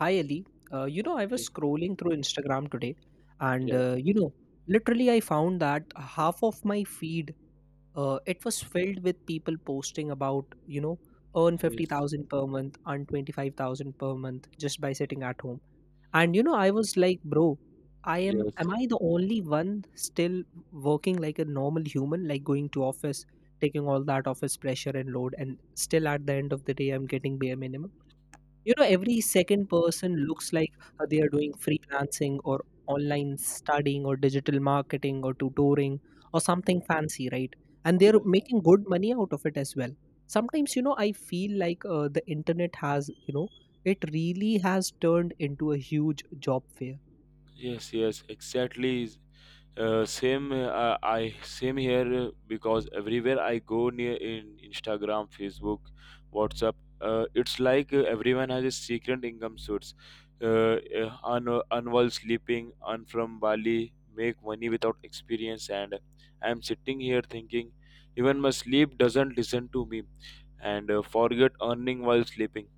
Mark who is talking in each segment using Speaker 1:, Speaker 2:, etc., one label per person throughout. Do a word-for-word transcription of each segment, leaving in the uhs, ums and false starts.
Speaker 1: Hi Ali, uh, you know I
Speaker 2: Ye-
Speaker 1: was scrolling through Instagram today, and
Speaker 2: Yeah,
Speaker 1: uh, you know literally I found that half of my feed uh, it was filled with people posting about you know earn fifty
Speaker 2: yes,
Speaker 1: thousand per month, earn twenty five thousand per month just by sitting at home, and you know I was like, bro, I am
Speaker 2: yes,
Speaker 1: am I the only one still working like a normal human, like going to office, taking all that office pressure and load, and still at the end of the day I'm getting bare minimum. You know, every second person looks like uh, they are doing freelancing or online studying or digital marketing or tutoring or something fancy, right? And they're
Speaker 2: yes,
Speaker 1: making good money out of it as well. Sometimes, you know, I feel like uh, the internet has, you know, it really has turned into a huge job fair.
Speaker 2: yes, yes, exactly. Is- Uh, same, uh, I same here, uh, because everywhere I go near in Instagram, Facebook, WhatsApp, uh, it's like uh, everyone has a secret income source. Uh, uh, un, Unwell sleeping, un from Bali, make money without experience, and I'm sitting here thinking, even my sleep doesn't listen to me, and uh, forget earning while sleeping.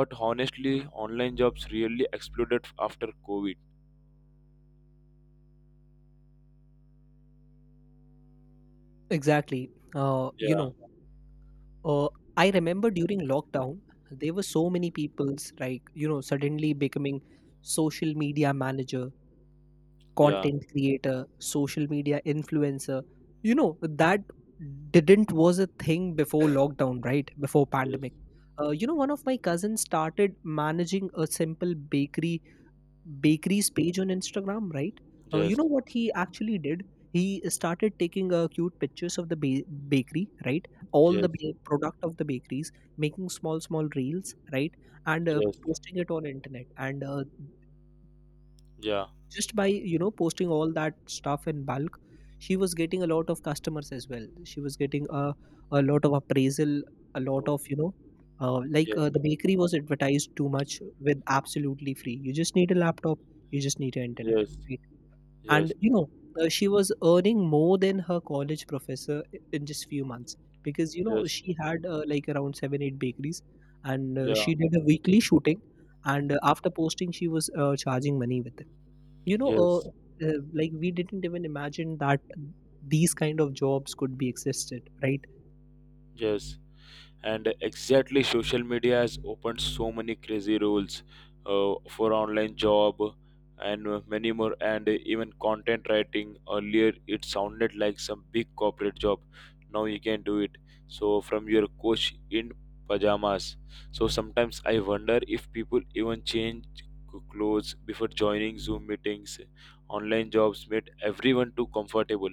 Speaker 2: But honestly, online jobs really exploded after COVID.
Speaker 1: Exactly. Uh, you
Speaker 2: Yeah,
Speaker 1: know, uh, I remember during lockdown, there were so many people's like, you know, suddenly becoming social media manager,
Speaker 2: yeah,
Speaker 1: content creator, social media influencer. You know, that didn't was a thing before lockdown, right? Before
Speaker 2: yes,
Speaker 1: pandemic. Uh, you know, one of my cousins started managing a simple bakery bakeries page on Instagram, right? Uh, you
Speaker 2: yes,
Speaker 1: know what he actually did? He started taking uh, cute pictures of the ba- bakery, right? All the
Speaker 2: yes,
Speaker 1: ba- product of the bakeries, making small small reels, right? And uh,
Speaker 2: yes,
Speaker 1: posting it on internet. And uh,
Speaker 2: yeah,
Speaker 1: just by you know posting all that stuff in bulk she was getting a lot of customers as well, she was getting a, a lot of appraisal, a lot
Speaker 2: oh,
Speaker 1: of you know uh, like
Speaker 2: yes,
Speaker 1: uh, the bakery was advertised too much. With absolutely free, you just need a laptop, you just need an internet,
Speaker 2: yes,
Speaker 1: right? And
Speaker 2: yes,
Speaker 1: you know uh, she was earning more than her college professor i- in just few months because you know
Speaker 2: yes,
Speaker 1: she had uh, like around seven eight bakeries, and uh,
Speaker 2: yeah,
Speaker 1: she did a weekly shooting. And uh, after posting she was uh, charging money with it, you know uh,
Speaker 2: yes,
Speaker 1: uh, like we didn't even imagine that these kind of jobs could be existed, right?
Speaker 2: yes. And exactly, social media has opened so many crazy rules uh, for online job, and uh, many more. And even content writing, earlier it sounded like some big corporate job, now you can do it, so from your coach in pajamas. So sometimes I wonder if people even change c- clothes before joining Zoom meetings. Online jobs made everyone too comfortable.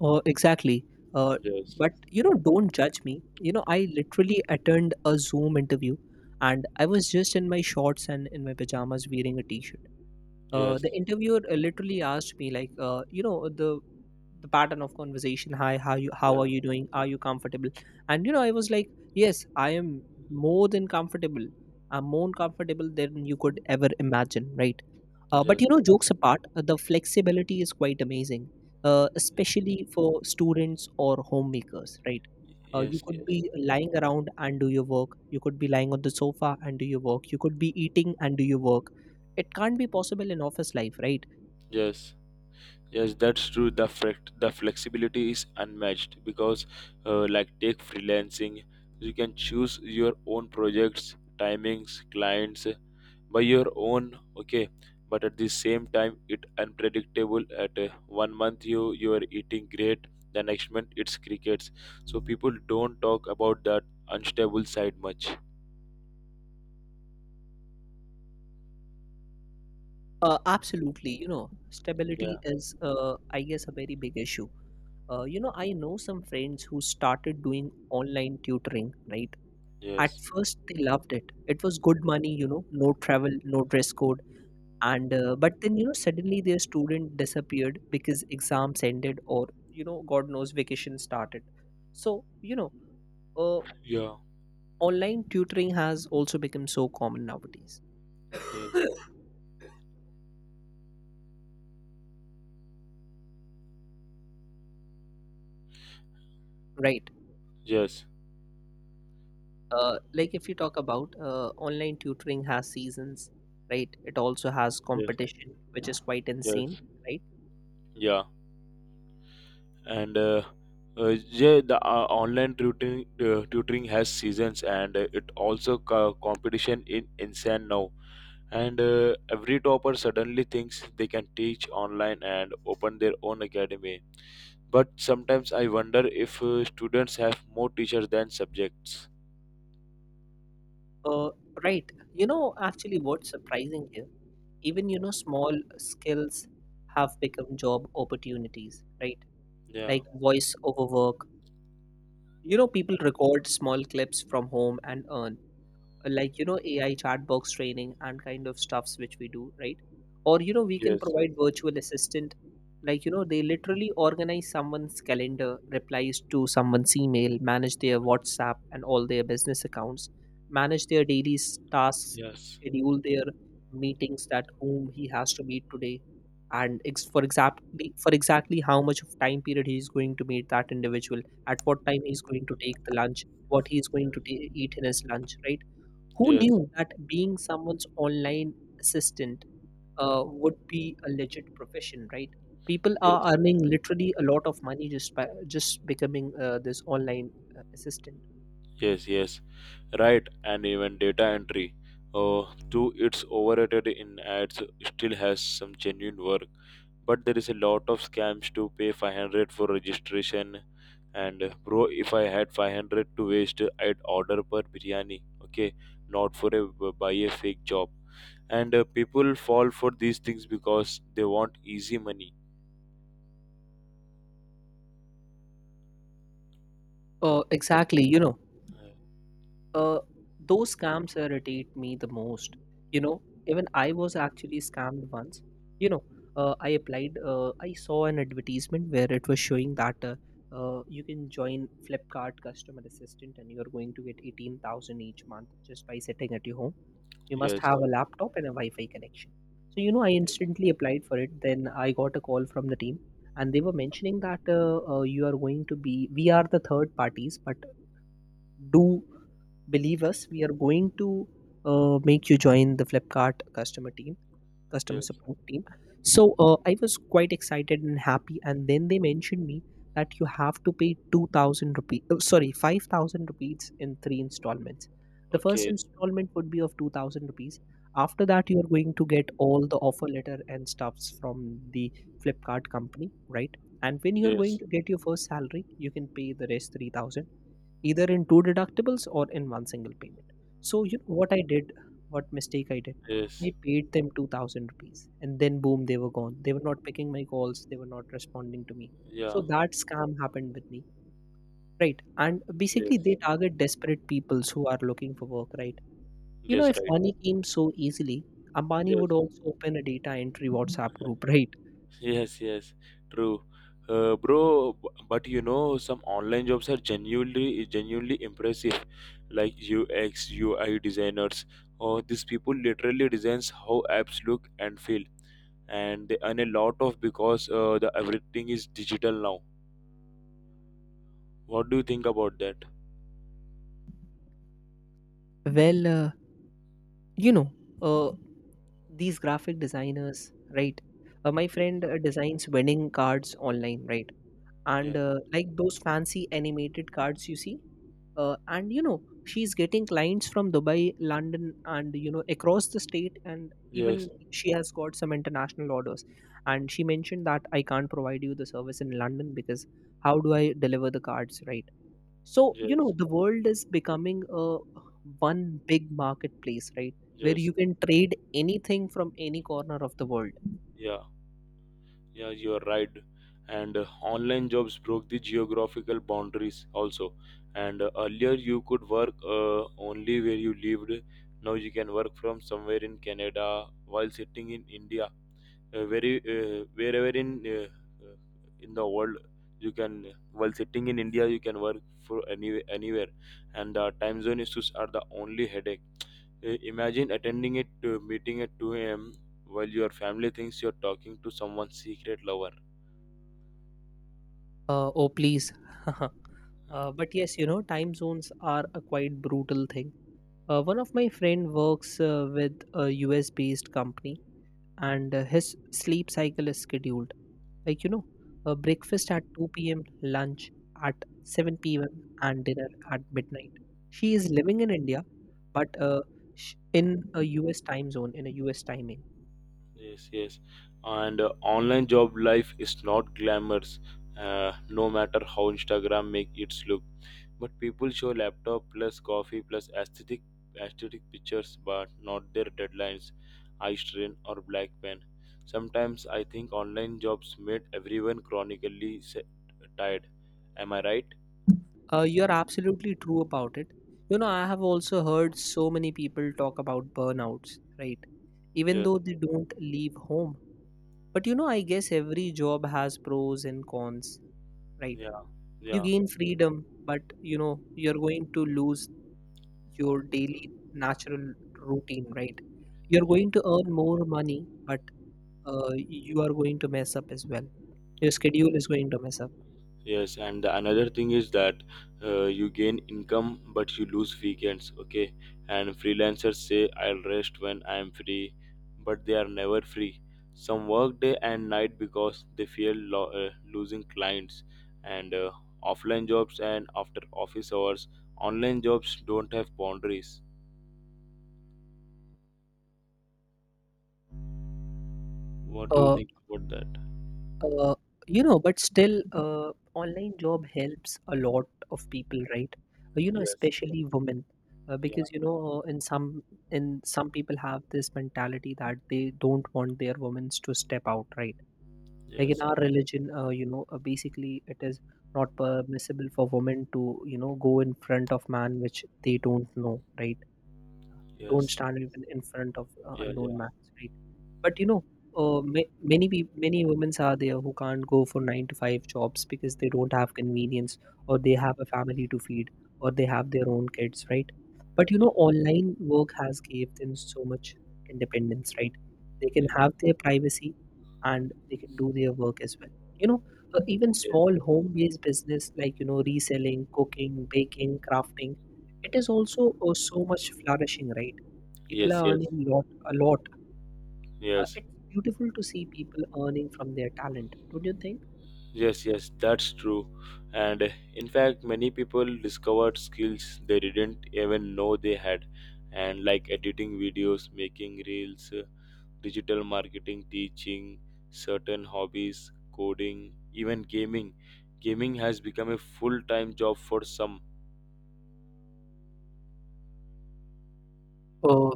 Speaker 1: uh, Exactly. uh,
Speaker 2: Yes,
Speaker 1: but you know don't judge me, you know I literally attended a Zoom interview and I was just in my shorts and in my pajamas wearing a t-shirt. Uh,
Speaker 2: yes,
Speaker 1: the interviewer uh, literally asked me like, uh, you know, the the pattern of conversation. Hi, how you how are
Speaker 2: yeah,
Speaker 1: you doing? Are you comfortable? And you know, I was like, yes, I am more than comfortable. I'm more comfortable than you could ever imagine, right? Uh,
Speaker 2: yes,
Speaker 1: but you know, jokes apart, uh, the flexibility is quite amazing, uh, especially for students or homemakers, right? Uh, you
Speaker 2: yes,
Speaker 1: could
Speaker 2: yes,
Speaker 1: be lying around and do your work. You could be lying on the sofa and do your work. You could be eating and do your work. It can't be possible in office life, right?
Speaker 2: yes. Yes, that's true. The flex- the flexibility is unmatched because, uh, like, take freelancing, you can choose your own projects, timings, clients, uh, by your own. Okay, but at the same time, it unpredictable. At uh, one month you you are eating great, the next month it's crickets. So people don't talk about that unstable side much.
Speaker 1: Uh, absolutely. You know,
Speaker 2: Yeah.
Speaker 1: stability is, uh, I guess, a very big issue. Uh, you know, I know some friends who started doing online tutoring, right? At
Speaker 2: Yes.
Speaker 1: first, they loved it. It was good money, you know, no travel, no dress code. And, uh, but then, you know, suddenly their student disappeared because exams ended or, you know, God knows vacation started. So, you know, uh,
Speaker 2: Yeah.
Speaker 1: online tutoring has also become so common nowadays,
Speaker 2: Yes.
Speaker 1: right?
Speaker 2: Yes.
Speaker 1: Uh, like if you talk about, uh, online tutoring has seasons, right? It also has
Speaker 2: Yes.
Speaker 1: competition which is quite insane,
Speaker 2: Yes.
Speaker 1: right?
Speaker 2: Yeah. And uh, uh, yeah, the uh, online tutoring uh, tutoring has seasons, and uh, it also co- competition in insane now. And uh, every topper suddenly thinks they can teach online and open their own academy. But sometimes I wonder if uh, students have more teachers than subjects.
Speaker 1: uh, right, you know actually what's surprising here, even you know small skills have become job opportunities, right?
Speaker 2: Yeah,
Speaker 1: Like voice over work, you know people record small clips from home and earn. Uh, like you know A I chat box training and kind of stuffs which we do, right? Or you know we can
Speaker 2: yes,
Speaker 1: provide virtual assistant. Like you know they literally organize someone's calendar, replies to someone's email, manage their whatsapp and all their business accounts, manage their daily s- tasks,
Speaker 2: yes,
Speaker 1: schedule their meetings that whom he has to meet today, and ex- for exactly for exactly how much of time period he's going to meet that individual, at what time he's going to take the lunch, what he's going to ta eat in his lunch, right? Who
Speaker 2: yes,
Speaker 1: knew that being someone's online assistant uh, would be a legit profession, right? People
Speaker 2: yes,
Speaker 1: are earning literally a lot of money just by just becoming uh, this online uh, assistant.
Speaker 2: yes, yes, right. And even data entry, uh, though it's overrated in ads, still has some genuine worth. But there is a lot of scams to pay five hundred for registration. And uh, bro, if I had five hundred to waste, I'd order per biryani, okay, not for a buy a fake job. And uh, people fall for these things because they want easy money.
Speaker 1: Uh, exactly, you know
Speaker 2: Uh,
Speaker 1: Uh, those scams irritate me the most. You know, Even I was actually scammed once. You know, uh, I applied. Uh, I saw an advertisement where it was showing that uh, uh, you can join Flipkart customer assistant and you're going to get eighteen thousand each month just by sitting at your home. You must
Speaker 2: yes,
Speaker 1: have a laptop and a Wi-Fi connection. So you know, I instantly applied for it. Then I got a call from the team, and they were mentioning that uh, uh, you are going to be. We are the third parties, but do believe us, we are going to uh, make you join the Flipkart customer team customer
Speaker 2: yes,
Speaker 1: support team. So uh, I was quite excited and happy, and then they mentioned me that you have to pay two thousand rupees, oh, sorry, five thousand rupees in three installments. The first
Speaker 2: okay,
Speaker 1: installment would be of two thousand rupees. After that you are going to get all the offer letter and stuffs from the Flipkart company, right? And when you are going
Speaker 2: yes,
Speaker 1: to get your first salary you can pay the rest three thousand either in two deductibles or in one single payment. So you know what I did, what mistake I did.
Speaker 2: yes,
Speaker 1: I paid them two thousand rupees, and then boom, they were gone. They were not picking my calls. They were not responding to me.
Speaker 2: yeah,
Speaker 1: So that scam happened with me, right? And basically,
Speaker 2: yes,
Speaker 1: they target desperate peoples who are looking for work, right? You know,
Speaker 2: yes,
Speaker 1: if
Speaker 2: right,
Speaker 1: money came so easily, Ambani
Speaker 2: yes.
Speaker 1: would also open a data entry WhatsApp group, right?
Speaker 2: Yes, yes, true. Uh, bro, b- but you know, some online jobs are genuinely genuinely impressive, like U X, U I designers. Or these people literally designs how apps look and feel, and they earn a lot of because uh, the everything is digital now. What do you think about that?
Speaker 1: Well, uh, you know, uh, these graphic designers, right? Uh, my
Speaker 2: Yes,
Speaker 1: friend uh, designs wedding cards online, right? And
Speaker 2: yes,
Speaker 1: uh, like those fancy animated cards you see, uh, and you know she's getting clients from Dubai, London, and you know across the state, and even
Speaker 2: yes,
Speaker 1: she has got some international orders. And she mentioned that I can't provide you the service in London because how do I deliver the cards, right? So, you know,
Speaker 2: yes,
Speaker 1: the world is becoming a one big marketplace, right? Where
Speaker 2: yes,
Speaker 1: you can trade anything from any corner of the world.
Speaker 2: yeah. Yeah, you are right. And uh, online jobs broke the geographical boundaries also. And uh, earlier you could work uh, only where you lived. Now you can work from somewhere in Canada while sitting in India, uh, very uh, wherever in uh, uh, in the world you can, while sitting in India you can work for any, anywhere. And the time zone issues are the only headache. Uh, imagine attending a uh, meeting at two a m while your family thinks you're talking to someone's secret lover.
Speaker 1: Uh, oh, please. Uh, but yes, you know, time zones are a quite brutal thing. Uh, one of my friend works uh, with a U S based company, and uh, his sleep cycle is scheduled. Like, you know, uh, breakfast at two p m, lunch at seven p m, and dinner at midnight. She is living in India but uh, sh- in a U S time zone, in a U S timing.
Speaker 2: Yes, yes. And uh, online job life is not glamorous, uh, no matter how Instagram make it look. But people show laptop plus coffee plus aesthetic aesthetic pictures, but not their deadlines, eye strain or black pen. Sometimes I think online jobs made everyone chronically se- tired. Am I right?
Speaker 1: Uh, you're absolutely true about it. You know, I have also heard so many people talk about burnouts, right? Even
Speaker 2: Yes.
Speaker 1: though they don't leave home. But you know, I guess every job has pros and cons, right?
Speaker 2: Yeah.
Speaker 1: You
Speaker 2: Yeah.
Speaker 1: gain freedom, but you know, you're going to lose your daily natural routine, right? You're going to earn more money, but uh, you are going to mess up as well. Your
Speaker 2: Yeah.
Speaker 1: schedule is going to mess up.
Speaker 2: Yes, and another thing is that uh, you gain income but you lose weekends, okay? And freelancers say I'll rest when I'm free, but they are never free. Some work day and night because they fear lo- uh, losing clients. And uh, offline jobs and after office hours, online jobs don't have boundaries. What do you
Speaker 1: Uh,
Speaker 2: think about that?
Speaker 1: Uh, you know, but still, uh, online job helps a lot of people, right? Uh, You know,
Speaker 2: Yes,
Speaker 1: especially women, uh,
Speaker 2: yeah,
Speaker 1: because you know, uh, in some in some people have this mentality that they don't want their women to step out, right? Like in
Speaker 2: yes,
Speaker 1: our religion, uh, you know, uh, basically it is not permissible for women to, you know, go in front of man which they don't know, right? Don't
Speaker 2: yes,
Speaker 1: stand even in front of uh,
Speaker 2: yeah,
Speaker 1: unknown
Speaker 2: yeah,
Speaker 1: man, right? But you know, uh, ma- many peop many women are there who can't go for nine to five jobs because they don't have convenience or they have a family to feed or they have their own kids, right? But you know,
Speaker 2: yes,
Speaker 1: online work has gave them so much independence, right? They can
Speaker 2: yes,
Speaker 1: have their privacy and they can do their work as well. You know, uh, Even small home-based business like you know reselling, cooking, baking, crafting, it is also uh, so much flourishing, right? People
Speaker 2: yes,
Speaker 1: are
Speaker 2: yes,
Speaker 1: earning
Speaker 2: yes,
Speaker 1: lot a lot. Uh,
Speaker 2: yes.
Speaker 1: it's beautiful to see people earning from their talent, don't you think?
Speaker 2: Yes, yes, that's true. And uh, in fact, many people discovered skills they didn't even know they had, and like editing videos, making reels, uh, digital marketing, teaching certain hobbies, coding, even gaming. Gaming has become a full time job for some.
Speaker 1: Oh,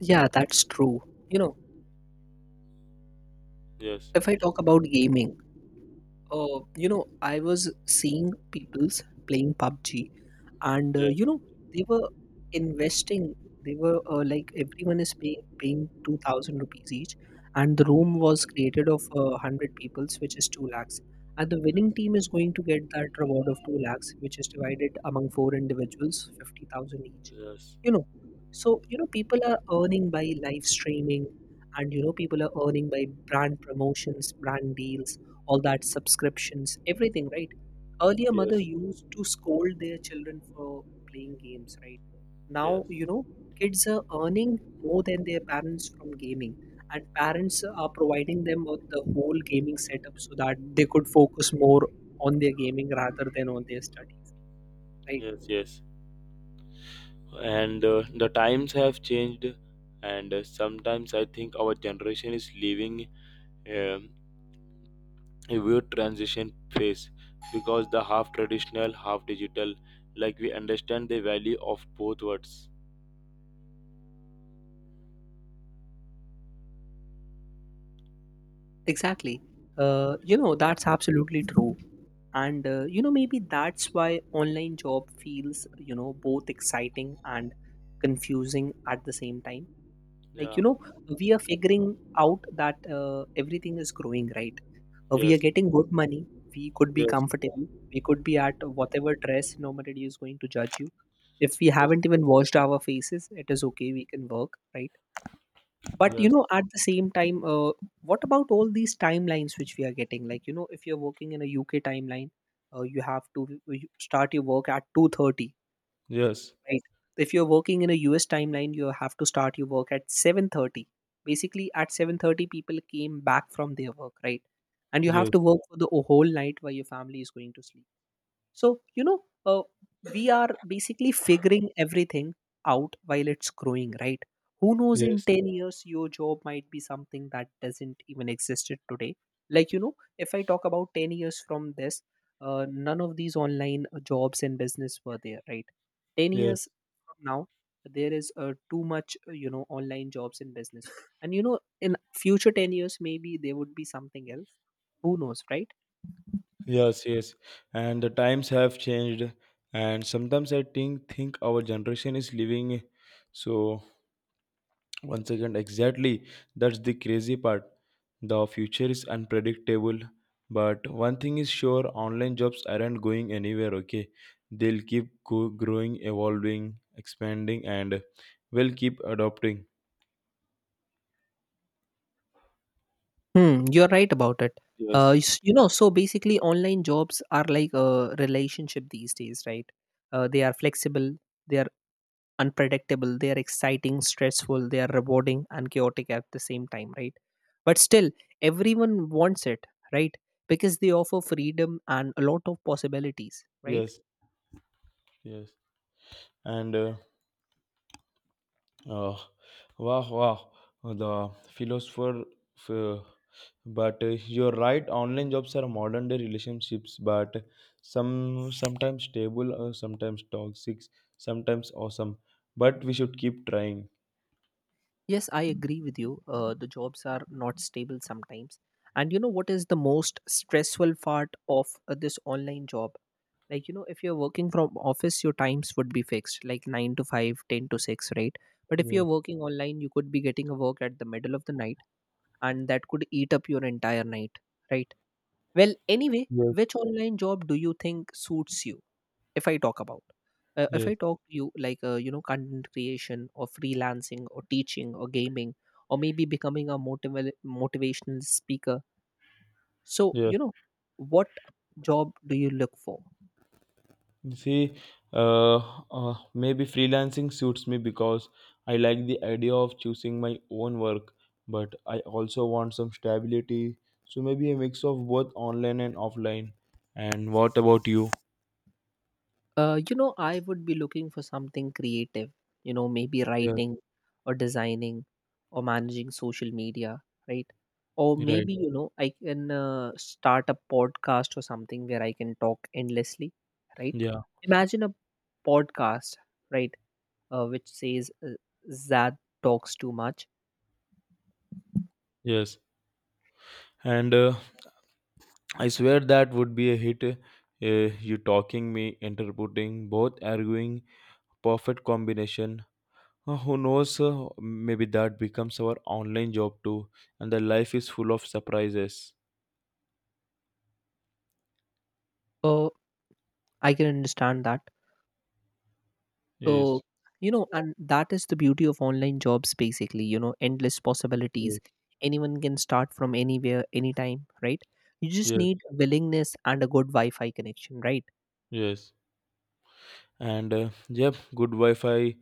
Speaker 1: yeah, that's true. You know,
Speaker 2: Yes,
Speaker 1: if I talk about gaming, uh, you know, I was seeing people's playing PUBG and uh,
Speaker 2: yes,
Speaker 1: you know they were investing, they were uh, like everyone is pay, paying two thousand rupees each, and the room was created of uh, one hundred peoples, which is two lakhs, and the winning team is going to get that reward of two lakhs, which is divided among four individuals, fifty thousand each.
Speaker 2: yes,
Speaker 1: You know, so you know, people are earning by live streaming, and you know, people are earning by brand promotions, brand deals, all that subscriptions, everything, right? Earlier, mother
Speaker 2: yes,
Speaker 1: used to scold their children for playing games, right?
Speaker 2: yes,
Speaker 1: Now, you know, kids are earning more than their parents from gaming, and parents are providing them with the whole gaming setup so that they could focus more on their gaming rather than on their studies, right?
Speaker 2: yes, yes. And uh, the times have changed, and uh, sometimes I think our generation is living um a weird transition phase, because the half traditional, half digital, like we understand the value of both words.
Speaker 1: Exactly. Uh, you know, that's absolutely true. And, uh, you know, maybe that's why online job feels, you know, both exciting and confusing at the same time. Like,
Speaker 2: Yeah.
Speaker 1: you know, we are figuring out that uh, everything is growing, right? Uh, we are
Speaker 2: Yes.
Speaker 1: getting good money. We could be
Speaker 2: Yes.
Speaker 1: comfortable. We could be at whatever dress. Nobody is going to judge you. If we
Speaker 2: Yes.
Speaker 1: haven't even washed our faces, it is okay. We can work, right? But, you
Speaker 2: Yes.
Speaker 1: know, at the same time, uh, what about all these timelines which we are getting? Like, you know, if you're working in a U K timeline, uh, you have to you start your work at two thirty.
Speaker 2: Yes.
Speaker 1: Right. If you're working in a U S timeline, you have to start your work at seven thirty. Basically, at seven thirty, people came back from their work, right? And you have
Speaker 2: Yes.
Speaker 1: to work for the whole night while your family is going to sleep. So, you know, uh, we are basically figuring everything out while it's growing, right? Who knows, in
Speaker 2: Yes.
Speaker 1: ten years your job might be something that doesn't even existed today. Like, you know, if I talk about ten years from this, uh, none of these online uh, jobs and business were there, right? ten
Speaker 2: Yes.
Speaker 1: years from now, there is uh, too much, uh, you know, online jobs and business. And, you know, in future ten years, maybe there would be something else. Who knows, right?
Speaker 2: Yes. Yes. And the times have changed, and sometimes I think think our generation is living, so. Once again, exactly. That's the crazy part. The future is unpredictable. But one thing is sure, online jobs aren't going anywhere, okay? They'll keep go- growing, evolving, expanding, and will keep adopting.
Speaker 1: Hmm, you're right about it. Uh,
Speaker 2: Yes,
Speaker 1: s- you know, so basically, online jobs are like a relationship these days, right? Uh, they are flexible, they are unpredictable, they are exciting, stressful, they are rewarding, and chaotic at the same time, right? But still, everyone wants it, right? Because they offer freedom and a lot of possibilities, right?
Speaker 2: yes, yes. And uh, uh, wow, wow. The philosopher. f- but uh, you're right, online jobs are modern day relationships, but some sometimes stable, uh, sometimes toxic, sometimes awesome, but we should keep trying.
Speaker 1: Yes, I agree with you. Uh, the jobs are not stable sometimes. And you know what is the most stressful part of uh, this online job? Like, you know, if you're working from office, your times would be fixed, like nine to five, ten to six, right? But if you're
Speaker 2: Yes,
Speaker 1: working online, you could be getting a work at the middle of the night, and that could eat up your entire night, right? Well, anyway,
Speaker 2: yes,
Speaker 1: which online job do you think suits you? if i talk about uh, if
Speaker 2: yes,
Speaker 1: i talk to you, like, uh, you know, content creation or freelancing or teaching or gaming, or maybe becoming a motiva- motivational speaker? So,
Speaker 2: yes.
Speaker 1: you know, what job do you look for?
Speaker 2: See, uh, uh maybe freelancing suits me because I like the idea of choosing my own work, but I also want some stability, so maybe a mix of both online and offline. And what about you?
Speaker 1: Uh, you know, I would be looking for something creative, you know, maybe
Speaker 2: Yeah,
Speaker 1: writing or designing or managing social media, right? Or
Speaker 2: right,
Speaker 1: maybe, you know, I can uh, start a podcast or something where I can talk endlessly, right?
Speaker 2: yeah,
Speaker 1: Imagine a podcast, right, uh, which says, uh, Zad talks too much.
Speaker 2: yes. And uh, I swear that would be a hit. Uh, you talking me, interpreting, both arguing, perfect combination. Uh, who knows? Uh, maybe that becomes our online job too, and the life is full of surprises.
Speaker 1: Uh, I can understand that. So,
Speaker 2: Yes,
Speaker 1: you know, and that is the beauty of online jobs basically, you know, endless
Speaker 2: yes,
Speaker 1: possibilities. Anyone can start from anywhere, anytime, right? You just
Speaker 2: yes,
Speaker 1: need willingness and a good Wi Fi connection, right?
Speaker 2: yes. And uh, yep, good Wi-Fi,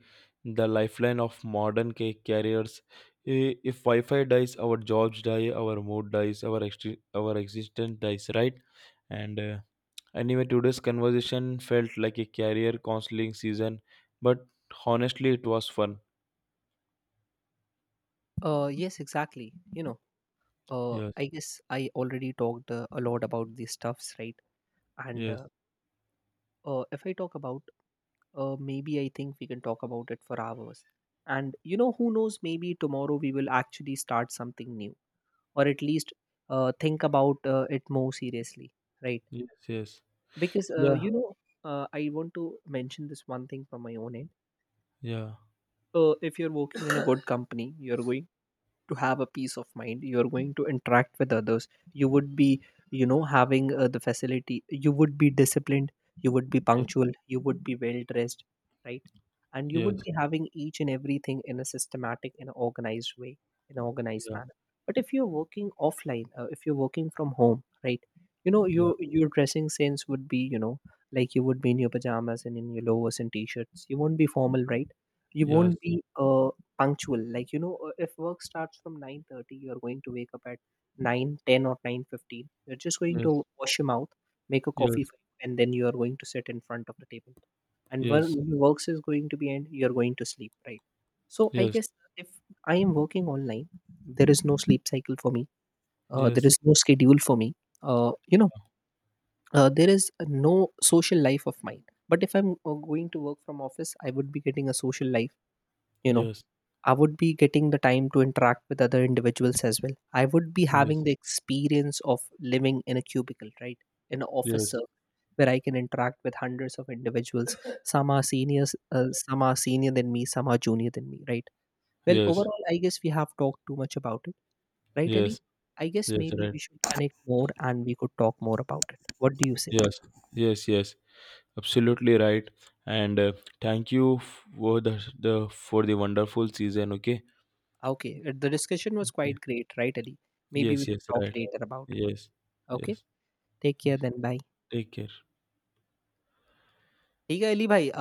Speaker 2: the lifeline of modern ca- carriers. I- If Wi-Fi dies, our jobs die, our mood dies, our ex- our existence dies, right? And uh, And even today's conversation felt like a career counseling season, but honestly, it was fun.
Speaker 1: Uh, yes, exactly. You know, uh,
Speaker 2: Yes,
Speaker 1: I guess I already talked uh, a lot about these stuffs, right? And
Speaker 2: yes,
Speaker 1: uh, uh, if I talk about, uh, maybe I think we can talk about it for hours. And you know, who knows? Maybe tomorrow we will actually start something new, or at least uh, think about uh, it more seriously, right?
Speaker 2: yes, yes,
Speaker 1: Because uh,
Speaker 2: yeah,
Speaker 1: you know, uh, I want to mention this one thing from my own end.
Speaker 2: yeah,
Speaker 1: Uh, if you're working in a good company, you're going to have a peace of mind, you're going to interact with others, you would be, you know, having uh, the facility, you would be disciplined, you would be
Speaker 2: yes,
Speaker 1: punctual, you would be well dressed, right? And you would
Speaker 2: yes,
Speaker 1: be having each and everything in a systematic, in an organized way, in an organized
Speaker 2: yeah,
Speaker 1: manner. But if you're working offline, uh, if you're working from home, right, you know,
Speaker 2: yeah,
Speaker 1: your your dressing sense would be, you know, like you would be in your pajamas and in your lowers and t-shirts, you won't be formal, right? You
Speaker 2: yes,
Speaker 1: won't be uh, punctual. Like, you know, uh, if work starts from nine thirty, you're going to wake up at nine ten or nine fifteen, you're just going
Speaker 2: yes,
Speaker 1: to wash your mouth, make a coffee
Speaker 2: yes,
Speaker 1: for you, and then you are going to sit in front of the table, and when
Speaker 2: yes,
Speaker 1: your works is going to be end, you're going to sleep, right? So I
Speaker 2: yes,
Speaker 1: guess, if I am working online, there is no sleep cycle for me, uh, there
Speaker 2: yes,
Speaker 1: is no schedule for me, uh, you know uh, there is no social life of mine. But if I'm uh, going to work from office, I would be getting a social life, you know.
Speaker 2: yes,
Speaker 1: I would be getting the time to interact with other individuals as well. I would be having
Speaker 2: yes,
Speaker 1: the experience of living in a cubicle, right? In an office
Speaker 2: yes,
Speaker 1: circle where I can interact with hundreds of individuals. Some are seniors, uh, some are senior than me, some are junior than me, right? Well,
Speaker 2: yes,
Speaker 1: overall, I guess we have talked too much about it, right, Ali?
Speaker 2: yes,
Speaker 1: I guess
Speaker 2: yes,
Speaker 1: maybe
Speaker 2: right.
Speaker 1: we should connect more and we could talk more about it. What do you say?
Speaker 2: Yes, yes, yes, absolutely right. And uh, thank you for the the for the wonderful season. Okay.
Speaker 1: Okay, uh, the discussion was
Speaker 2: Okay.
Speaker 1: quite great, right, Ali? Maybe
Speaker 2: Yes,
Speaker 1: we could
Speaker 2: yes,
Speaker 1: talk
Speaker 2: right.
Speaker 1: later about it.
Speaker 2: Yes,
Speaker 1: Okay,
Speaker 2: yes.
Speaker 1: take care then. Bye.
Speaker 2: Take care.
Speaker 1: ठीक है अली भाई